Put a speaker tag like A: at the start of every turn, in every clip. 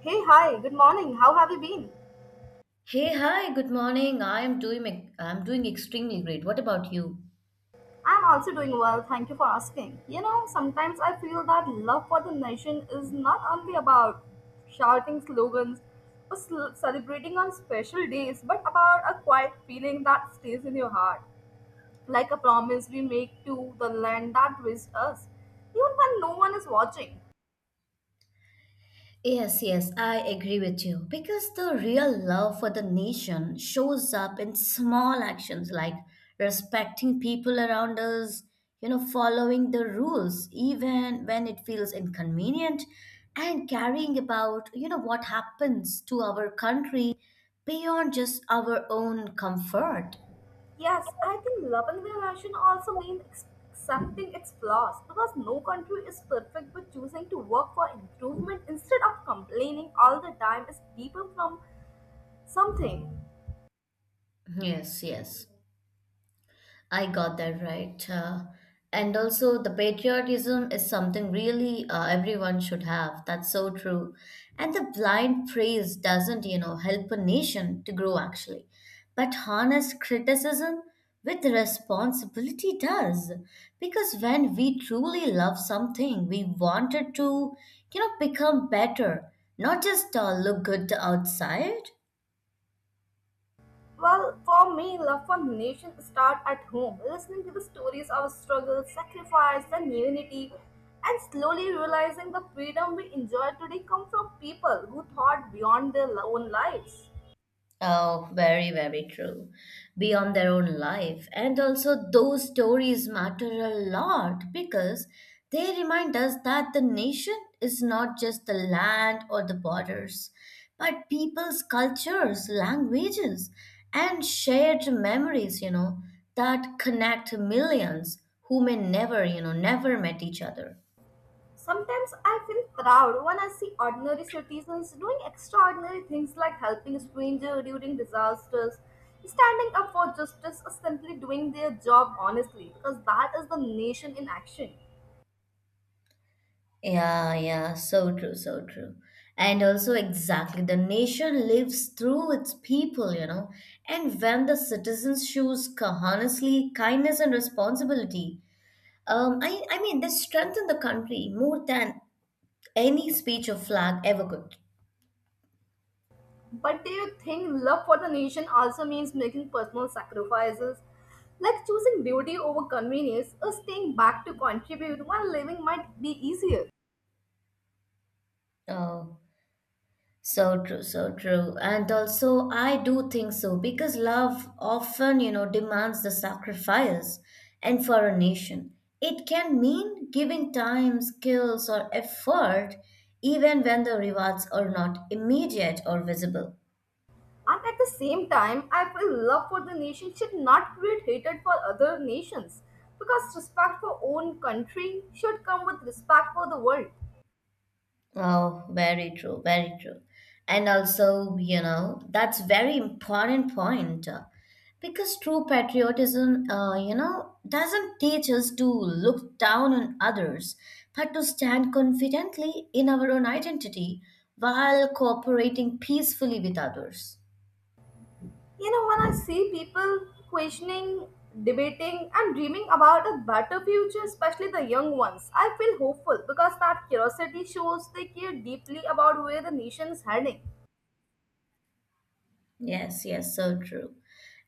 A: Hey, hi, good morning. How have you been?
B: Hey, hi, good morning. I'm doing extremely great. What about you?
A: I'm also doing well, thank you for asking. You know, sometimes I feel that love for the nation is not only about shouting slogans or celebrating on special days, but about a quiet feeling that stays in your heart, like a promise we make to the land that raised us, even when no one is watching.
B: Yes, yes, I agree with you. Because the real love for the nation shows up in small actions like respecting people around us, following the rules even when it feels inconvenient, and caring about what happens to our country beyond just our own comfort.
A: Yes, I think loving the nation also means accepting its flaws because no country is perfect, but choosing to work for improvement instead of complaining all the time is deeper from something.
B: Yes, yes. I got that right. And also, the patriotism is something really everyone should have. That's so true. And the blind praise doesn't help a nation to grow actually. But honest criticism with responsibility does. Because when we truly love something, we want it to become better, not just look good outside.
A: Well, for me, love for nation starts at home, listening to the stories of struggle, sacrifice, and unity, and slowly realizing the freedom we enjoy today come from people who thought beyond their own lives.
B: Oh, very, very true. Beyond their own life. And also, those stories matter a lot because they remind us that the nation is not just the land or the borders, but people's cultures, languages, and shared memories that connect millions who may never, you know, never met each other.
A: Sometimes I feel proud when I see ordinary citizens doing extraordinary things like helping strangers during disasters, standing up for justice, or simply doing their job honestly, because that is the nation in action.
B: Yeah, yeah, so true, so true. And also, exactly, the nation lives through its people. And when the citizens shows honestly kindness and responsibility, I mean, they strengthen the country more than any speech or flag ever could.
A: But do you think love for the nation also means making personal sacrifices? Like choosing beauty over convenience or staying back to contribute when living might be easier.
B: Oh. So true, so true. And also, I do think so because love often demands the sacrifice. And for a nation, it can mean giving time, skills, or effort, even when the rewards are not immediate or visible.
A: And at the same time, I feel love for the nation should not create hatred for other nations because respect for own country should come with respect for the world.
B: Oh, very true, very true. And also, that's very important point because true patriotism, doesn't teach us to look down on others, but to stand confidently in our own identity while cooperating peacefully with others.
A: You know, when I see people questioning, debating, and dreaming about a better future, especially the young ones, I feel hopeful because that curiosity shows they care deeply about where the nation is heading.
B: Yes, yes, so true.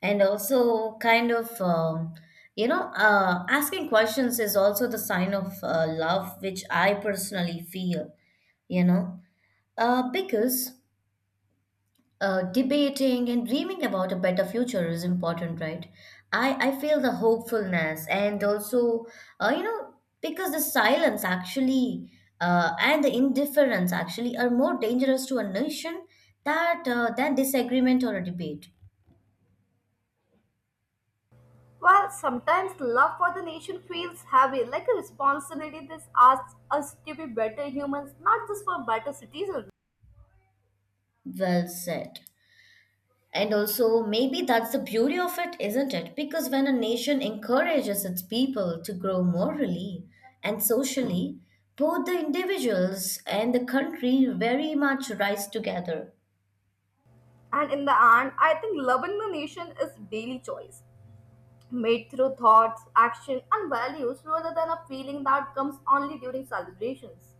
B: And also, kind of, asking questions is also the sign of love, which I personally feel, you know, uh, because uh, debating and dreaming about a better future is important, right? I feel the hopefulness and also, uh, you know, because the silence actually and the indifference actually are more dangerous to a nation that than disagreement or a debate.
A: While sometimes love for the nation feels heavy, like a responsibility that asks us to be better humans, not just for better citizens.
B: Well said. And also, maybe that's the beauty of it, isn't it? Because when a nation encourages its people to grow morally and socially, both the individuals and the country very much rise together.
A: And in the end, I think loving the nation is daily choice made through thoughts, action, and values rather than a feeling that comes only during celebrations.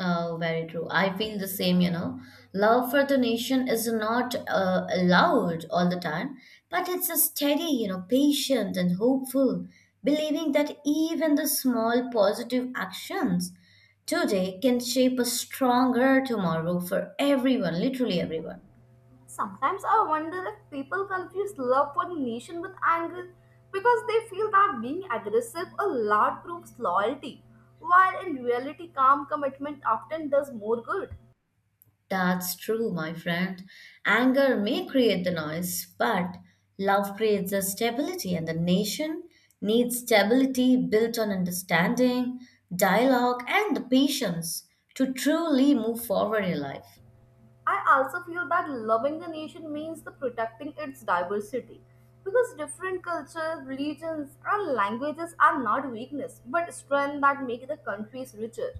B: Oh, very true. I feel the same. Love for the nation is not allowed all the time, but it's a steady, patient and hopeful, believing that even the small positive actions today can shape a stronger tomorrow for everyone, literally everyone.
A: Sometimes I wonder if people confuse love for the nation with anger because they feel that being aggressive or loud proves loyalty, while in reality, calm commitment often does more good.
B: That's true, my friend. Anger may create the noise, but love creates the stability, and the nation needs stability built on understanding, dialogue, and the patience to truly move forward in life.
A: I also feel that loving the nation means the protecting its diversity because different cultures, religions, and languages are not weakness but strength that make the countries richer.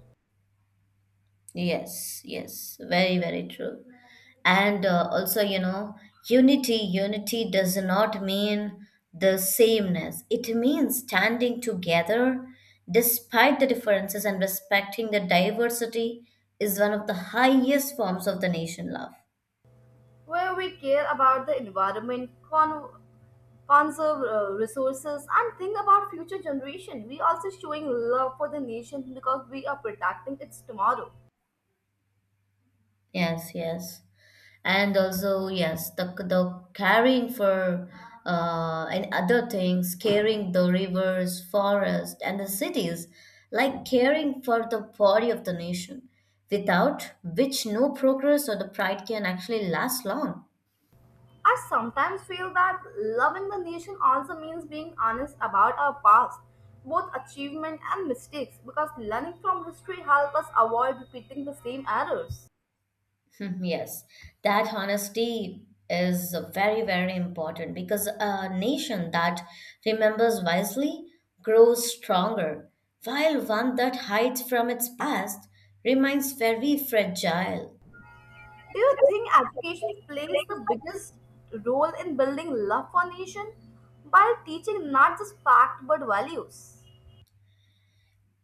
B: Yes, yes, very, very true. And also, you know, unity does not mean the sameness. It means standing together despite the differences and respecting the diversity is one of the highest forms of the nation love.
A: Where we care about the environment, conserve resources, and think about future generation, we also showing love for the nation because we are protecting its tomorrow.
B: Yes, yes. And also, yes, the caring for and other things, caring the rivers, forests, and the cities, like caring for the body of the nation, without which no progress or the pride can actually last long.
A: I sometimes feel that loving the nation also means being honest about our past, both achievement and mistakes, because learning from history helps us avoid repeating the same errors.
B: Yes, that honesty is very, very important because a nation that remembers wisely grows stronger, while one that hides from its past remains very fragile.
A: Do you think education plays the biggest role in building love for nation by teaching not just facts but values?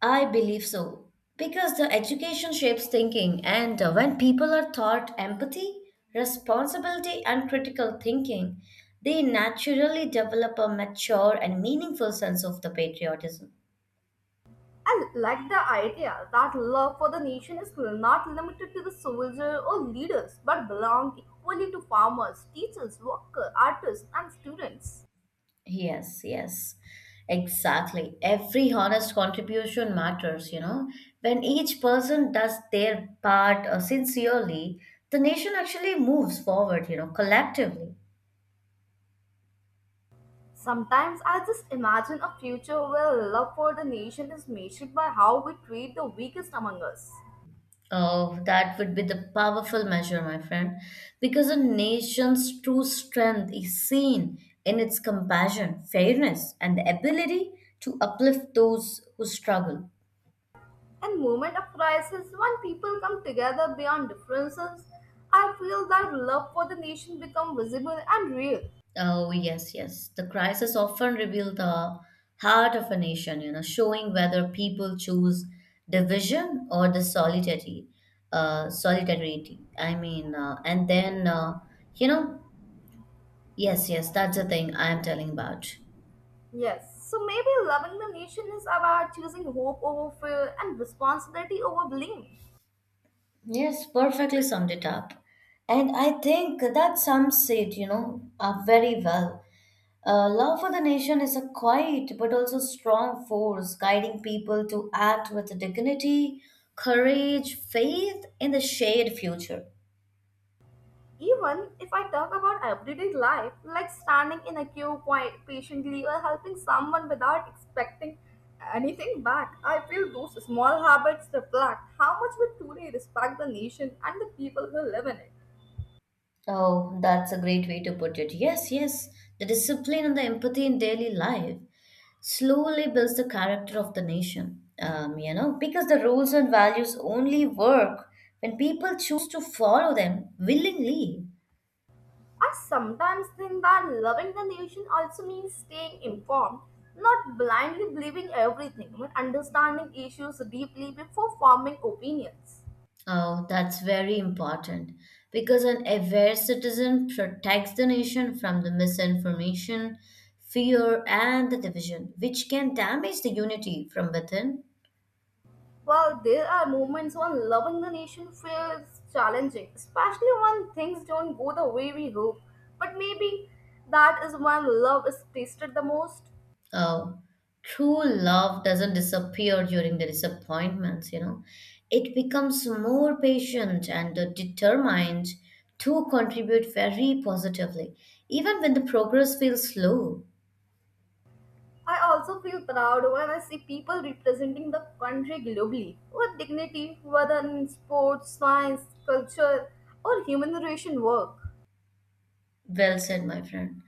B: I believe so. Because the education shapes thinking, and when people are taught empathy, responsibility, and critical thinking, they naturally develop a mature and meaningful sense of the patriotism.
A: I like the idea that love for the nation is not limited to the soldier or leaders, but belong equally to farmers, teachers, workers, artists, and students.
B: Yes, yes, exactly. Every honest contribution matters. When each person does their part sincerely, the nation actually moves forward, collectively.
A: Sometimes I just imagine a future where love for the nation is measured by how we treat the weakest among us.
B: Oh, that would be the powerful measure, my friend, because a nation's true strength is seen in its compassion, fairness, and the ability to uplift those who struggle.
A: In moment of crisis, when people come together beyond differences, I feel that love for the nation become visible and real.
B: Oh, yes, yes. The crisis often reveal the heart of a nation, showing whether people choose division or the solidarity. I mean, and then, you know, yes, yes, that's the thing I am telling about.
A: Yes, so maybe loving the nation is about choosing hope over fear and responsibility over blame.
B: Yes, perfectly summed it up. And I think that sums it up very well. Love for the nation is a quiet but also strong force guiding people to act with dignity, courage, faith in the shared future.
A: Even if I talk about everyday life, like standing in a queue quite patiently or helping someone without expecting anything back, I feel those small habits reflect how much we truly respect the nation and the people who live in it.
B: Oh, that's a great way to put it. Yes, yes. The discipline and the empathy in daily life slowly builds the character of the nation. Because the rules and values only work when people choose to follow them willingly.
A: I sometimes think that loving the nation also means staying informed, not blindly believing everything, but understanding issues deeply before forming opinions.
B: Oh, that's very important because an aware citizen protects the nation from the misinformation, fear, and the division, which can damage the unity from within.
A: While there are moments when loving the nation feels challenging, especially when things don't go the way we hope, but maybe that is when love is tasted the most.
B: Oh, true love doesn't disappear during the disappointments. It becomes more patient and determined to contribute very positively, even when the progress feels slow.
A: I also feel proud when I see people representing the country globally with dignity, whether in sports, science, culture, or human relation work.
B: Well said, my friend.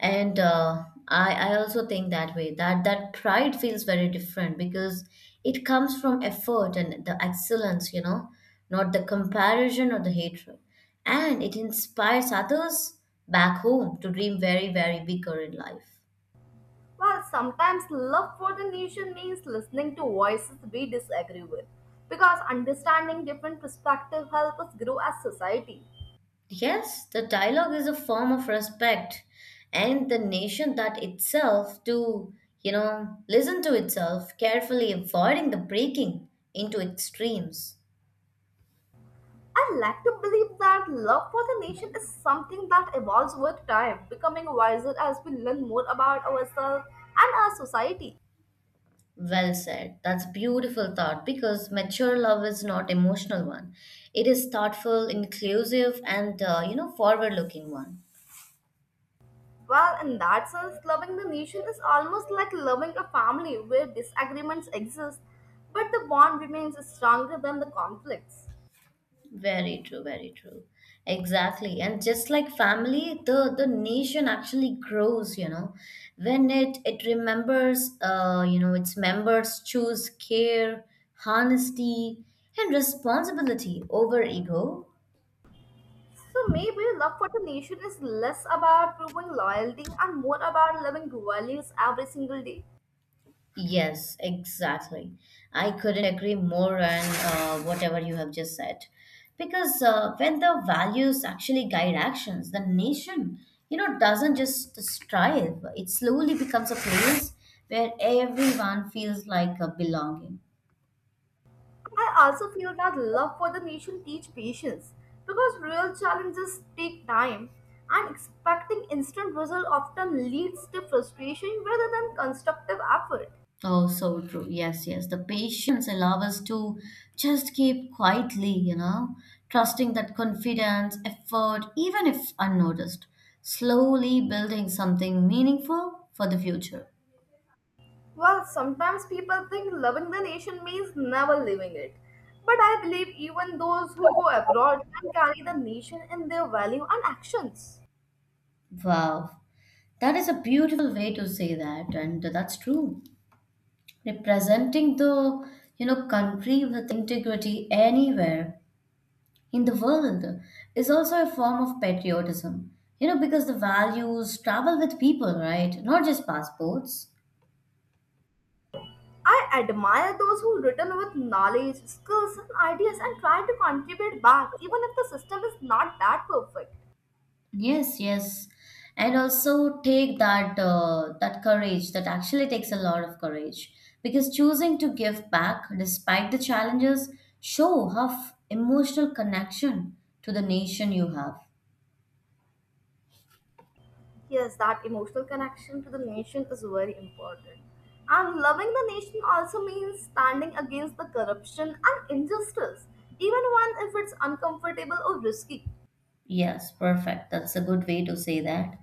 B: And I also think that way that that pride feels very different because it comes from effort and the excellence, not the comparison or the hatred, and it inspires others back home to dream very, very bigger in life.
A: While sometimes love for the nation means listening to voices we disagree with, because understanding different perspectives help us grow as society.
B: Yes, the dialogue is a form of respect, and the nation that itself to listen to itself carefully avoiding the breaking into extremes.
A: I like to believe that love for the nation is something that evolves with time, becoming wiser as we learn more about ourselves and our society.
B: Well said. That's beautiful thought because mature love is not emotional one. It is thoughtful, inclusive, and forward-looking one.
A: Well, in that sense, loving the nation is almost like loving a family where disagreements exist, but the bond remains stronger than the conflicts.
B: Very true. Very true. Exactly. And just like family, the nation actually grows. When it remembers, its members choose care, honesty, and responsibility over ego.
A: So maybe love for the nation is less about proving loyalty and more about loving values every single day.
B: Yes, exactly. I couldn't agree more on whatever you have just said. Because when the values actually guide actions, the nation, doesn't just strive, it slowly becomes a place where everyone feels like a belonging.
A: I also feel that love for the nation teach patience because real challenges take time and expecting instant result often leads to frustration rather than constructive effort.
B: Oh, so true. Yes, yes. The patience allow us to just keep quietly, trusting that confidence, effort, even if unnoticed, slowly building something meaningful for the future.
A: Well, sometimes people think loving the nation means never leaving it. But I believe even those who go abroad can carry the nation in their value and actions.
B: Wow, that is a beautiful way to say that, and that's true. Representing the country with integrity anywhere in the world is also a form of patriotism. Because the values travel with people, right? Not just passports.
A: I admire those who return with knowledge, skills, and ideas and try to contribute back even if the system is not that perfect.
B: Yes, yes, and also take that courage. That actually takes a lot of courage because choosing to give back despite the challenges show how emotional connection to the nation you have.
A: Yes, that emotional connection to the nation is very important. And loving the nation also means standing against the corruption and injustice, even when if it's uncomfortable or risky.
B: Yes, perfect. That's a good way to say that.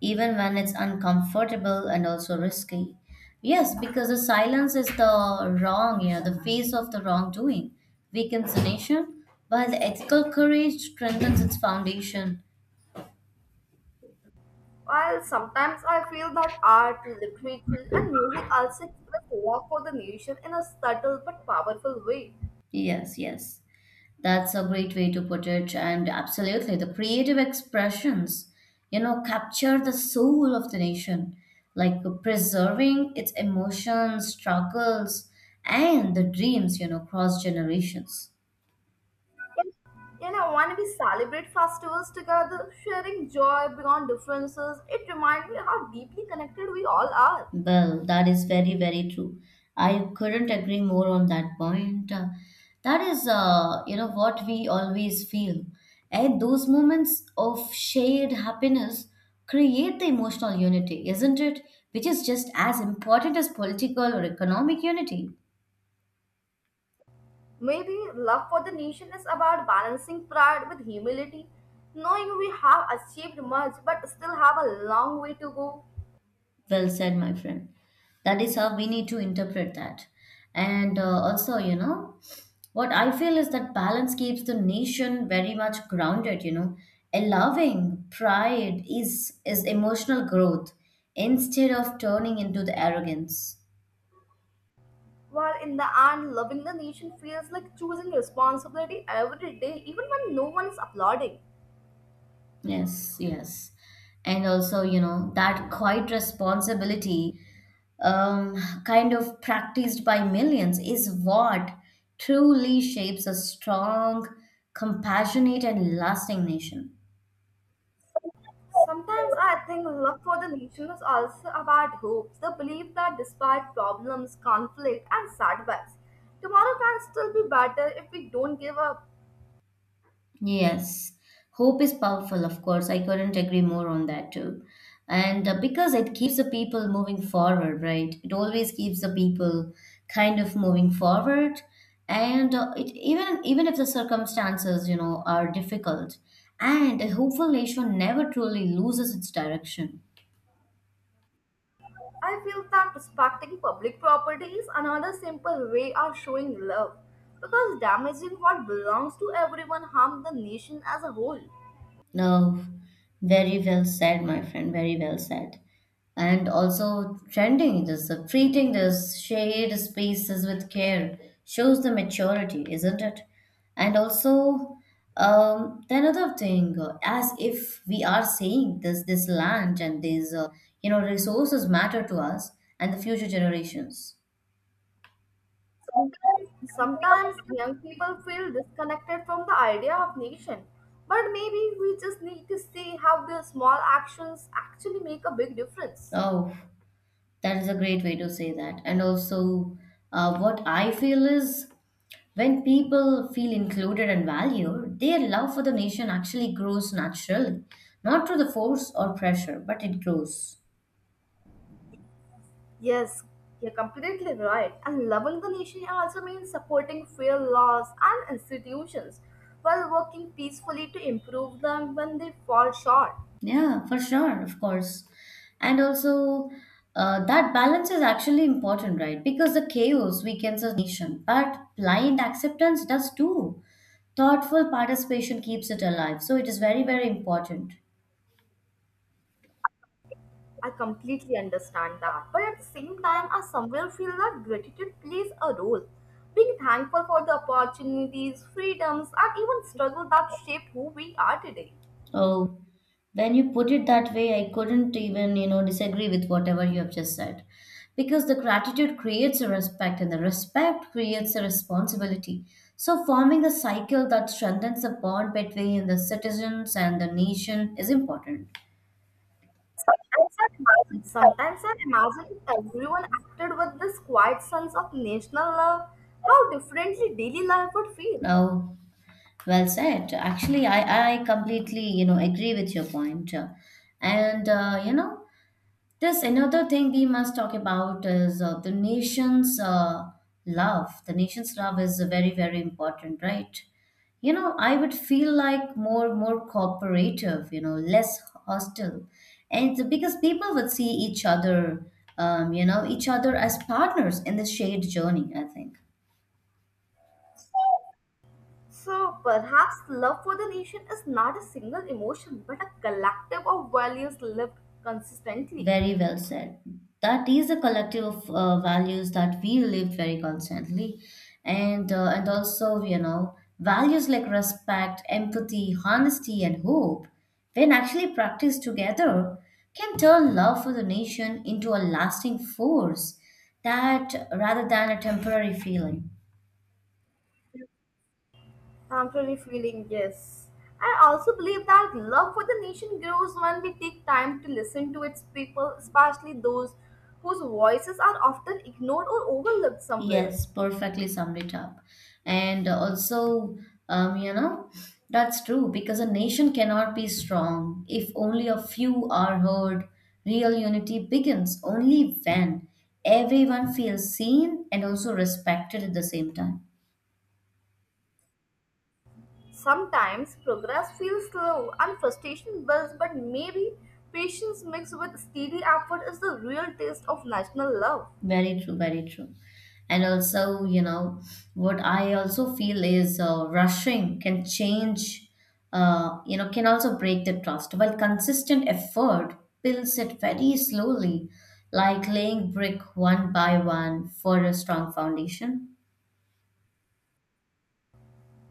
B: Even when it's uncomfortable and also risky. Yes, because the silence is the face of the wrongdoing, weakens the nation, while the ethical courage strengthens its foundation.
A: While sometimes I feel that art, literature, and music also express love for the nation in a subtle but powerful way.
B: Yes, yes. That's a great way to put it. And absolutely, the creative expressions capture the soul of the nation, like preserving its emotions, struggles, and the dreams cross generations.
A: You know, when we celebrate festivals together, sharing joy beyond differences, it reminds me how deeply connected we all are.
B: Well, that is very, very true. I couldn't agree more on that point. That is what we always feel. And those moments of shared happiness create the emotional unity, isn't it? Which is just as important as political or economic unity.
A: Maybe love for the nation is about balancing pride with humility, knowing we have achieved much but still have a long way to go.
B: Well said, my friend. That is how we need to interpret that. And also, what I feel is that balance keeps the nation very much grounded. Allowing pride is emotional growth instead of turning into the arrogance.
A: While in the end, loving the nation feels like choosing responsibility every day, even when no one is applauding.
B: Yes, yes. And also, that quiet responsibility kind of practiced by millions is what truly shapes a strong, compassionate, and lasting nation.
A: Sometimes I think love for the nation is also about hope, the belief that despite problems, conflict, and setbacks, tomorrow can still be better if we don't give up.
B: Yes, hope is powerful, of course. I couldn't agree more on that too. And because it keeps the people moving forward, right? It always keeps the people kind of moving forward. And it, even even if the circumstances are difficult, and a hopeful nation never truly loses its direction.
A: I feel that respecting public property is another simple way of showing love because damaging what belongs to everyone harms the nation as a whole.
B: No, very well said, my friend. Very well said. And also, treating this shared spaces with care shows the maturity, isn't it? And also, the another thing, as if we are saying this land and these resources matter to us and the future generations.
A: Sometimes young people feel disconnected from the idea of nation, but maybe we just need to see how their small actions actually make a big difference.
B: Oh, that is a great way to say that. And also, what I feel is when people feel included and valued, their love for the nation actually grows naturally, not through the force or pressure, but it grows.
A: Yes, you're completely right. And loving the nation also means supporting fair laws and institutions while working peacefully to improve them when they fall short.
B: Yeah, for sure, of course. And also, that balance is actually important, right? Because the chaos weakens a nation, but blind acceptance does too. Thoughtful participation keeps it alive. So it is very, very important.
A: I completely understand that. But at the same time, I somewhere feel that gratitude plays a role. Being thankful for the opportunities, freedoms, and even struggle that shaped who we are today.
B: Oh, when you put it that way, I couldn't even disagree with whatever you have just said. Because the gratitude creates a respect and the respect creates a responsibility. So forming a cycle that strengthens the bond between the citizens and the nation is important.
A: Sometimes I imagine if everyone acted with this quiet sense of national love, how differently daily life would feel.
B: Oh, well said. Actually, I completely, agree with your point. And, uh, you know, There's another thing we must talk about is the nation's love. The nation's love is very, very important, right? You know, I would feel like more cooperative, you know, less hostile. And it's because people would see each other as partners in the shared journey, I think.
A: So perhaps love for the nation is not a single emotion, but a collective of values lived consistently.
B: Very well said. That is a collective of values that we live very constantly, and and also you know values like respect, empathy, honesty, and hope, when actually practiced together, can turn love for the nation into a lasting force that rather than a temporary feeling.
A: I'm truly feeling yes. I also believe that love for the nation grows when we take time to listen to its people, especially those whose voices are often ignored or overlooked somewhere.
B: Yes, perfectly summed it up. And also, you know, that's true because a nation cannot be strong if only a few are heard. Real unity begins only when everyone feels seen and also respected at the same time.
A: Sometimes progress feels slow and frustration builds, but maybe patience mixed with steady effort is the real taste of national love.
B: Very true, very true. And also, you know, what I also feel is rushing can change, can also break the trust. While consistent effort builds it very slowly, like laying brick one by one for a strong foundation.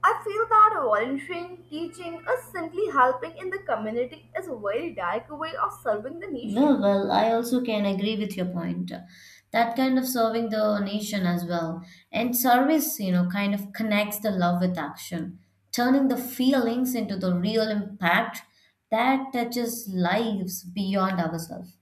A: I feel that volunteering, teaching, or simply helping in the community is a very direct way of serving the nation.
B: No, well, I also can agree with your point. That kind of serving the nation as well. And service, you know, kind of connects the love with action, turning the feelings into the real impact that touches lives beyond ourselves.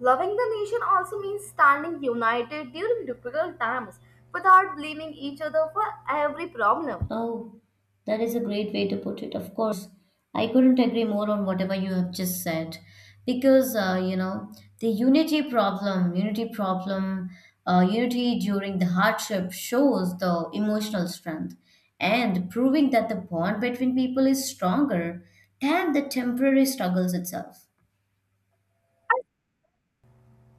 A: Loving the nation also means standing united during difficult times without blaming each other for every problem.
B: Oh, that is a great way to put it. Of course, I couldn't agree more on whatever you have just said because you know the unity problem, unity problem, unity during the hardship shows the emotional strength and proving that the bond between people is stronger than the temporary struggles itself.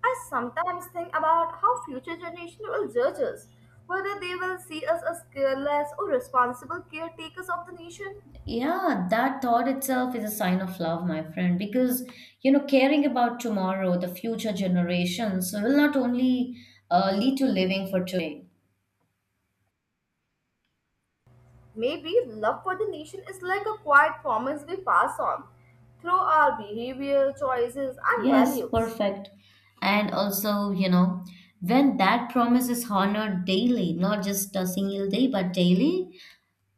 A: I sometimes think about how future generations will judge us, whether they will see us as careless or responsible caretakers of the nation.
B: Yeah, that thought itself is a sign of love, my friend, because you know, caring about tomorrow, the future generations will not only lead to living for today.
A: Maybe love for the nation is like a quiet promise we pass on through our behavior, choices, and
B: Yes,
A: values.
B: perfect. And also, you know, when that promise is honored daily, not just a single day, but daily,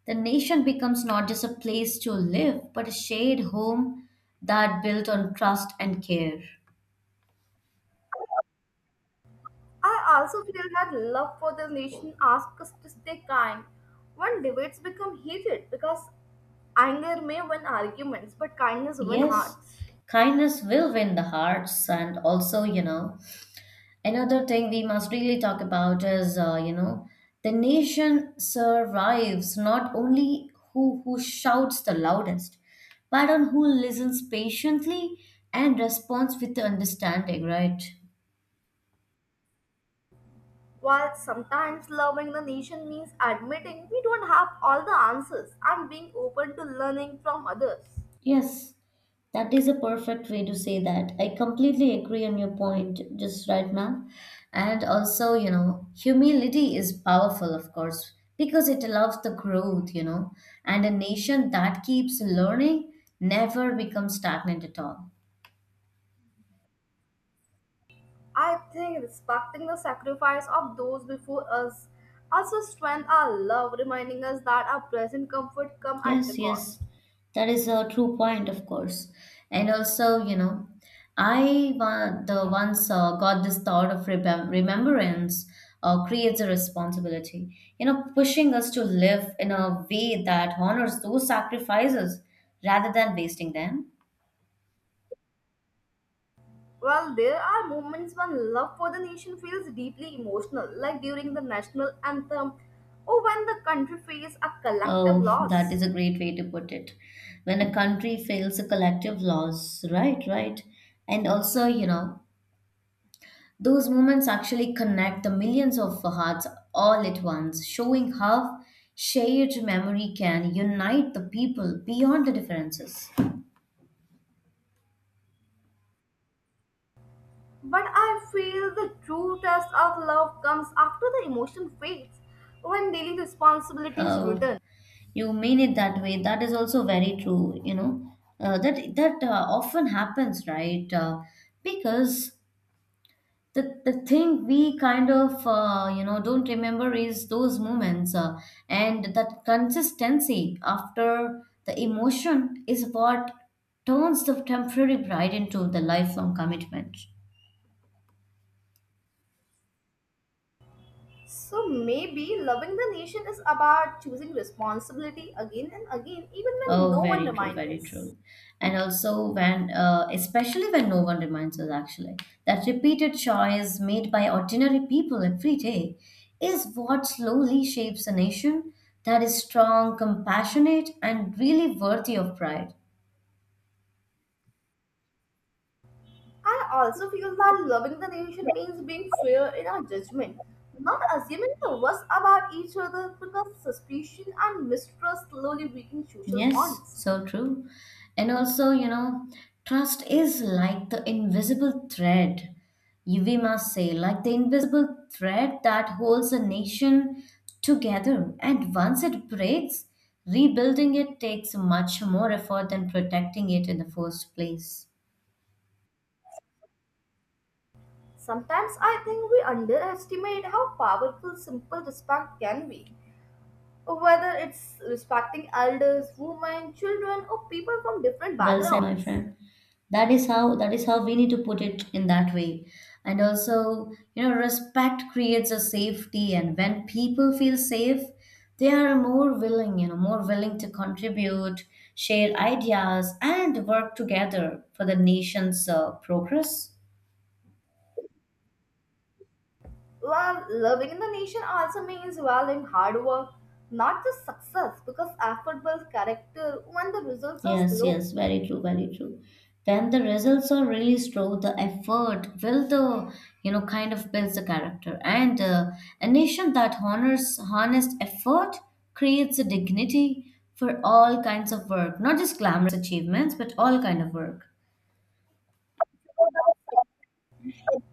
B: the nation becomes not just a place to live, but a shared home that built on trust and care.
A: I also feel that love for the nation asks us to stay kind when debates become heated because anger may win arguments but kindness wins
B: Yes,
A: hearts.
B: kindness will win the hearts and also, you know, another thing we must really talk about is, the nation survives not only who shouts the loudest, but on who listens patiently and responds with the understanding, right?
A: While sometimes loving the nation means admitting we don't have all the answers and being open to learning from others.
B: Yes, that is a perfect way to say that. I completely agree on your point just right now. And also, you know, humility is powerful, of course, because it allows the growth, you know, and a nation that keeps learning never becomes stagnant at all.
A: I think respecting the sacrifice of those before us also strengthens our love, reminding us that our present comfort comes at the
B: Yes, yes,
A: cost.
B: that is a true point, of course. And also, you know, the once got this thought of remembrance creates a responsibility, you know, pushing us to live in a way that honors those sacrifices rather than wasting them.
A: Well, there are moments when love for the nation feels deeply emotional, like during the national anthem or when the country faces a collective
B: Oh, that
A: loss.
B: is a great way to put it. When a country fails a collective loss, right, right. And also, you know, those moments actually connect the millions of hearts all at once, showing how shared memory can unite the people beyond the differences.
A: But I feel the true test of love comes after the emotion fades, when daily responsibilities
B: Oh,
A: return.
B: you mean it that way. That is also very true. You know, that that often happens, right? Because the thing we kind of you know don't remember is those moments and that consistency after the emotion is what turns the temporary pride into the lifelong commitment.
A: So maybe loving the nation is about choosing responsibility again and again, even when
B: Oh,
A: no one
B: very true,
A: reminds
B: very
A: us.
B: true. And also, when, especially when no one reminds us, actually, that repeated choice made by ordinary people every day is what slowly shapes a nation that is strong, compassionate, and really worthy of pride.
A: I also feel that loving the nation means being fair in our judgment, not assuming the worst about each other because suspicion and mistrust slowly weaken social
B: Yes,
A: bonds.
B: so true. And also, you know, trust is like the invisible thread, we must say, like the invisible thread that holds a nation together. And once it breaks, rebuilding it takes much more effort than protecting it in the first place.
A: Sometimes I think we underestimate how powerful simple respect can be, whether it's respecting elders, women, children, or people from different
B: Well said, my
A: backgrounds.
B: friend. That is how we need to put it in that way. And also, you know, respect creates a safety, and when people feel safe, they are more willing to contribute, share ideas, and work together for the nation's progress.
A: Well, loving the nation also means valuing hard work, not just success, because effort builds character when the results are
B: Yes,
A: slow.
B: yes, very true, very true. When the results are really slow. The effort will the you know kind of builds the character, and a nation that honors honest effort creates a dignity for all kinds of work, not just glamorous achievements, but all kind of work.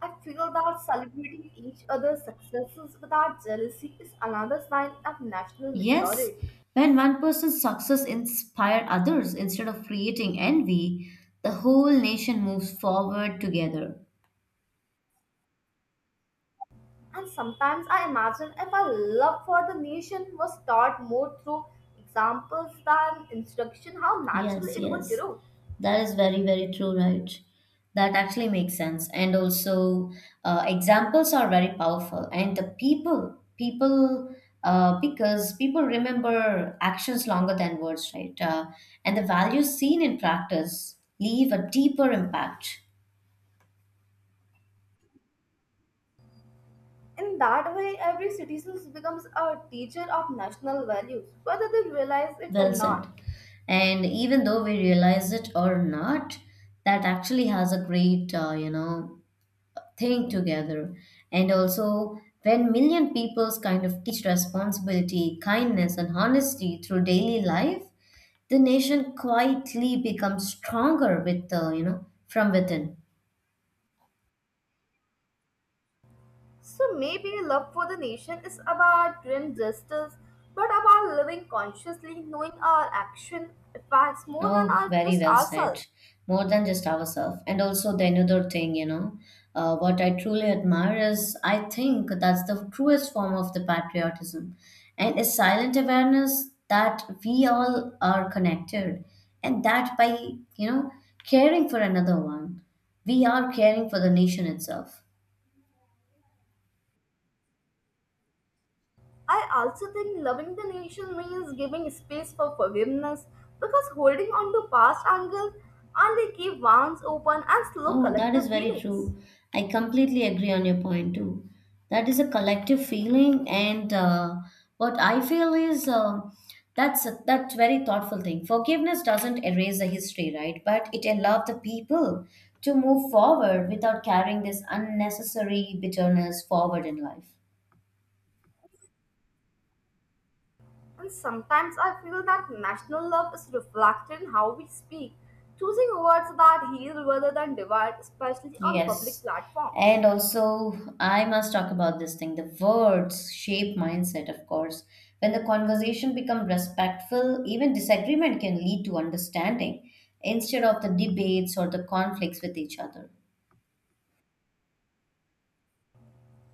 A: I figure that celebrating each other's successes without jealousy is another sign of national
B: Yes,
A: maturity.
B: when one person's success inspire others instead of creating envy, the whole nation moves forward together.
A: And sometimes I imagine if our love for the nation was taught more through examples than instruction, how naturally
B: Yes,
A: it would
B: yes.
A: grow.
B: That is very, very true, right? That actually makes sense. And also, examples are very powerful. And because people remember actions longer than words, right? And the values seen in practice leave a deeper impact.
A: In that way, every citizen becomes a teacher of national values, whether they realize it or
B: Well
A: not.
B: said. And even though we realize it or not, that actually has a great, think together. And also, when million peoples kind of teach responsibility, kindness, and honesty through daily life, the nation quietly becomes stronger with the, you know, from within.
A: So maybe love for the nation is about grim justice, but about living consciously, knowing our action impacts more than
B: Oh,
A: our,
B: very
A: just
B: well said.
A: ourselves.
B: More than just ourselves. And also, the another thing, you know, what I truly admire is I think that's the truest form of the patriotism and a silent awareness that we all are connected and that by, you know, caring for another one, we are caring for the nation itself.
A: I also think loving the nation means giving space for forgiveness because holding on to past anger only keep wounds open and slow
B: Oh, that
A: collective
B: is very
A: healings.
B: true. I completely agree on your point too. That is a collective feeling, and what I feel is that's very thoughtful thing. Forgiveness doesn't erase the history, right? But it allows the people to move forward without carrying this unnecessary bitterness forward in life.
A: And sometimes I feel that national love is reflected in how we speak, choosing words that heal rather than divide, especially on public
B: Yes.
A: platforms.
B: And also, I must talk about this thing. The words shape mindset, of course. When the conversation become respectful, even disagreement can lead to understanding instead of the debates or the conflicts with each other.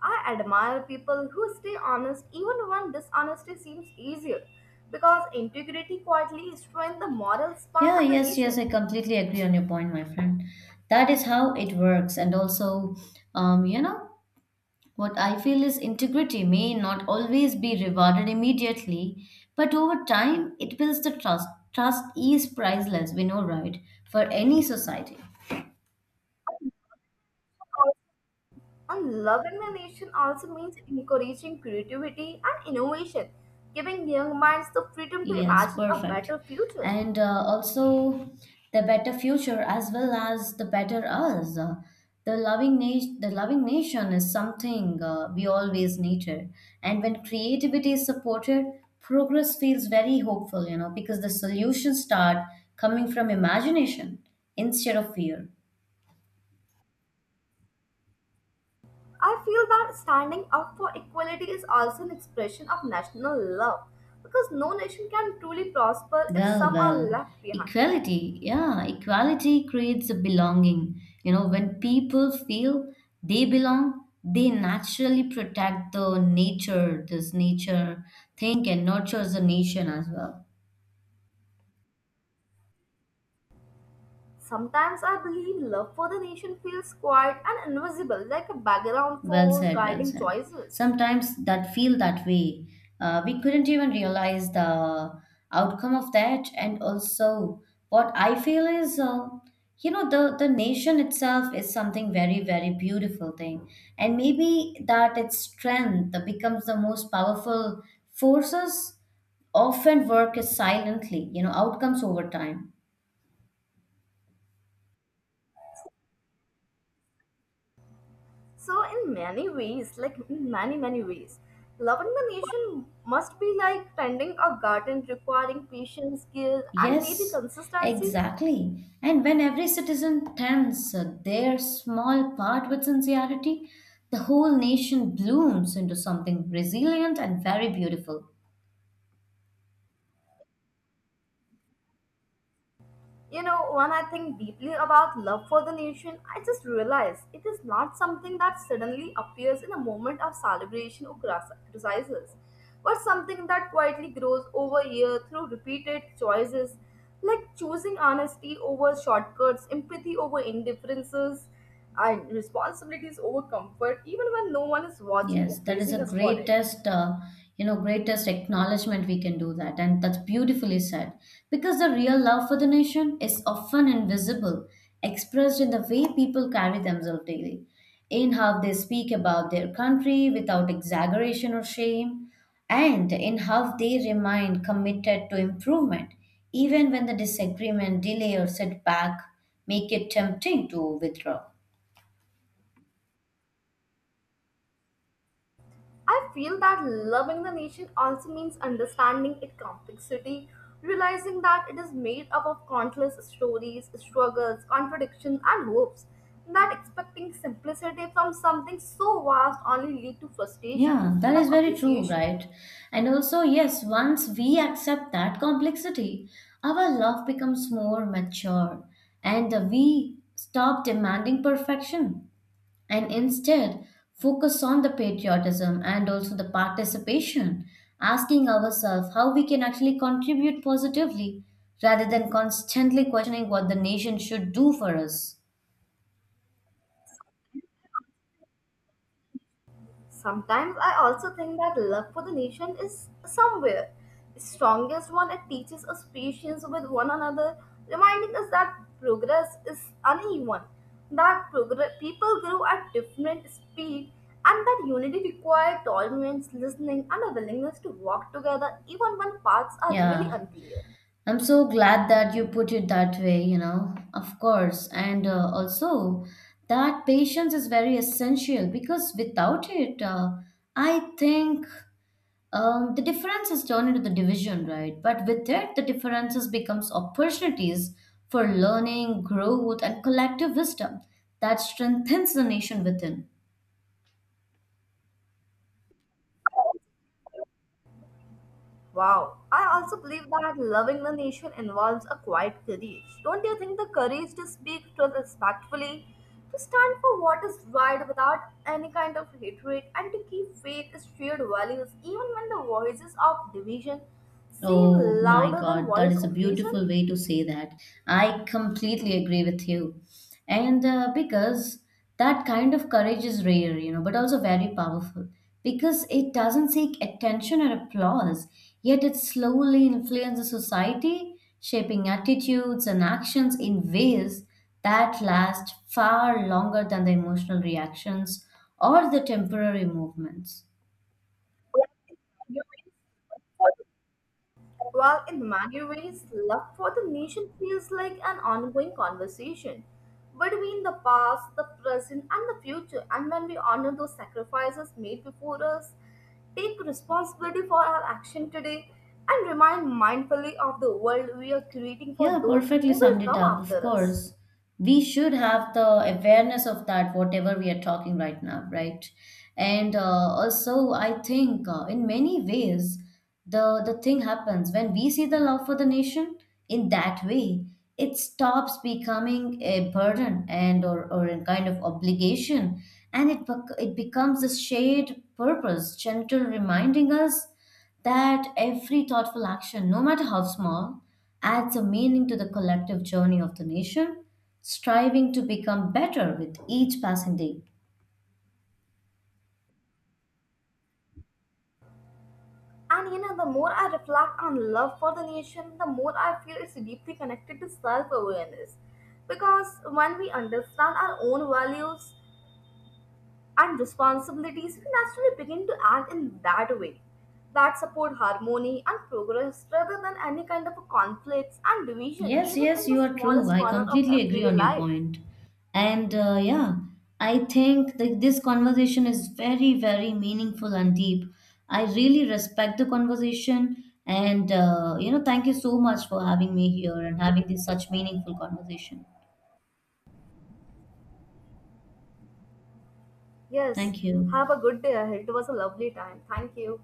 A: I admire people who stay honest even when dishonesty seems easier, because integrity quietly strengthens the moral spine
B: Yeah,
A: of the
B: yes, yes,
A: nation.
B: I completely agree on your point, my friend. That is how it works. And also, you know, what I feel is integrity may not always be rewarded immediately, but over time it builds the trust. Trust is priceless, we know, right? For any society.
A: And loving the nation also means encouraging creativity and innovation, giving young minds the freedom to
B: Yes,
A: imagine a
B: perfect.
A: better future.
B: And Also the better future as well as the better us. The loving nation is something we always needed. And when creativity is supported, progress feels very hopeful, you know, because the solutions start coming from imagination instead of fear.
A: I feel that standing up for equality is also an expression of national love, because no nation can truly prosper if
B: Well,
A: some are
B: well,
A: left behind.
B: equality, yeah, equality creates a belonging. You know, when people feel they belong, they naturally protect the nature, this nature, think and nurtures the nation as well.
A: Sometimes I believe love for the nation feels quiet and invisible, like a background
B: Well
A: force
B: said, well
A: guiding
B: said.
A: choices.
B: Sometimes that feel that way. We couldn't even realize the outcome of that. And also, what I feel is, you know, the nation itself is something very, very beautiful thing. And maybe that its strength becomes the most powerful forces often work is silently, you know, outcomes over time.
A: So, in many ways, in many, many ways, loving the nation must be like tending a garden requiring patience, skill, and maybe
B: Yes,
A: consistency.
B: exactly. And when every citizen tends their small part with sincerity, the whole nation blooms into something resilient and very beautiful.
A: You know, when I think deeply about love for the nation, I just realize it is not something that suddenly appears in a moment of celebration or exercises, but something that quietly grows over years through repeated choices, like choosing honesty over shortcuts, empathy over indifferences, and responsibilities over comfort, even when no one is watching or
B: Yes, that is the
A: praising us for it.
B: greatest, greatest acknowledgement we can do that. And that's beautifully said. Because the real love for the nation is often invisible, expressed in the way people carry themselves daily, in how they speak about their country without exaggeration or shame, and in how they remain committed to improvement, even when the disagreement, delay, or setback make it tempting to withdraw.
A: I feel that loving the nation also means understanding its complexity, realizing that it is made up of countless stories, struggles, contradictions, and hopes. That expecting simplicity from something so vast only lead to frustration
B: Yeah, that
A: instead of
B: is very true,
A: appreciation.
B: right? And also, yes, once we accept that complexity, our love becomes more mature and we stop demanding perfection and instead focus on the patriotism and also the participation, asking ourselves how we can actually contribute positively rather than constantly questioning what the nation should do for us.
A: Sometimes I also think that love for the nation is somewhere the strongest one. It teaches us patience with one another, reminding us that progress is uneven, that progress people grow at different speed, and that unity requires tolerance, listening, and a willingness to walk together even when paths are really
B: Yeah.
A: unclear.
B: I'm so glad that you put it that way, you know. Of course. And also, that patience is very essential because without it, I think the differences turn into the division, right? But with it, the differences becomes opportunities for learning, growth, and collective wisdom that strengthens the nation within.
A: Wow, I also believe that loving the nation involves a quiet courage. Don't you think the courage to speak truth respectfully, to stand for what is right without any kind of hatred, and to keep faith as shared values even when the voices of division seem
B: Oh my
A: louder than
B: God, that
A: voice
B: is a
A: of reason?
B: beautiful way to say that. I completely agree with you. And because that kind of courage is rare, you know, but also very powerful because it doesn't seek attention or applause, yet it slowly influences society, shaping attitudes and actions in ways that last far longer than the emotional reactions or the temporary movements.
A: While in many ways, love for the nation feels like an ongoing conversation between the past, the present, and the future. And when we honor those sacrifices made before us, take responsibility for our action today, and remind mindfully of the world we are creating for
B: Yeah,
A: those who
B: perfectly
A: will
B: summed it
A: come
B: up. Of
A: after us.
B: course, we should have the awareness of that, whatever we are talking right now, right? And also, I think in many ways, the thing happens when we see the love for the nation in that way. It stops becoming a burden and or a kind of obligation, and it becomes a shared purpose, gentle reminding us that every thoughtful action, no matter how small, adds a meaning to the collective journey of the nation, striving to become better with each passing day.
A: And you know, the more I reflect on love for the nation, the more I feel it's deeply connected to self awareness. Because when we understand our own values, and responsibilities, we naturally begin to act in that way that support harmony and progress rather than any kind of a conflicts and division
B: Yes,
A: even in
B: yes,
A: the
B: you are true.
A: smallest
B: I
A: corner of
B: completely agree
A: everyday
B: on your
A: life.
B: point. And yeah, I think that this conversation is very, very meaningful and deep. I really respect the conversation. And, you know, thank you so much for having me here and having this such meaningful conversation.
A: Yes,
B: Thank you.
A: have a good day ahead. It was a lovely time. Thank you.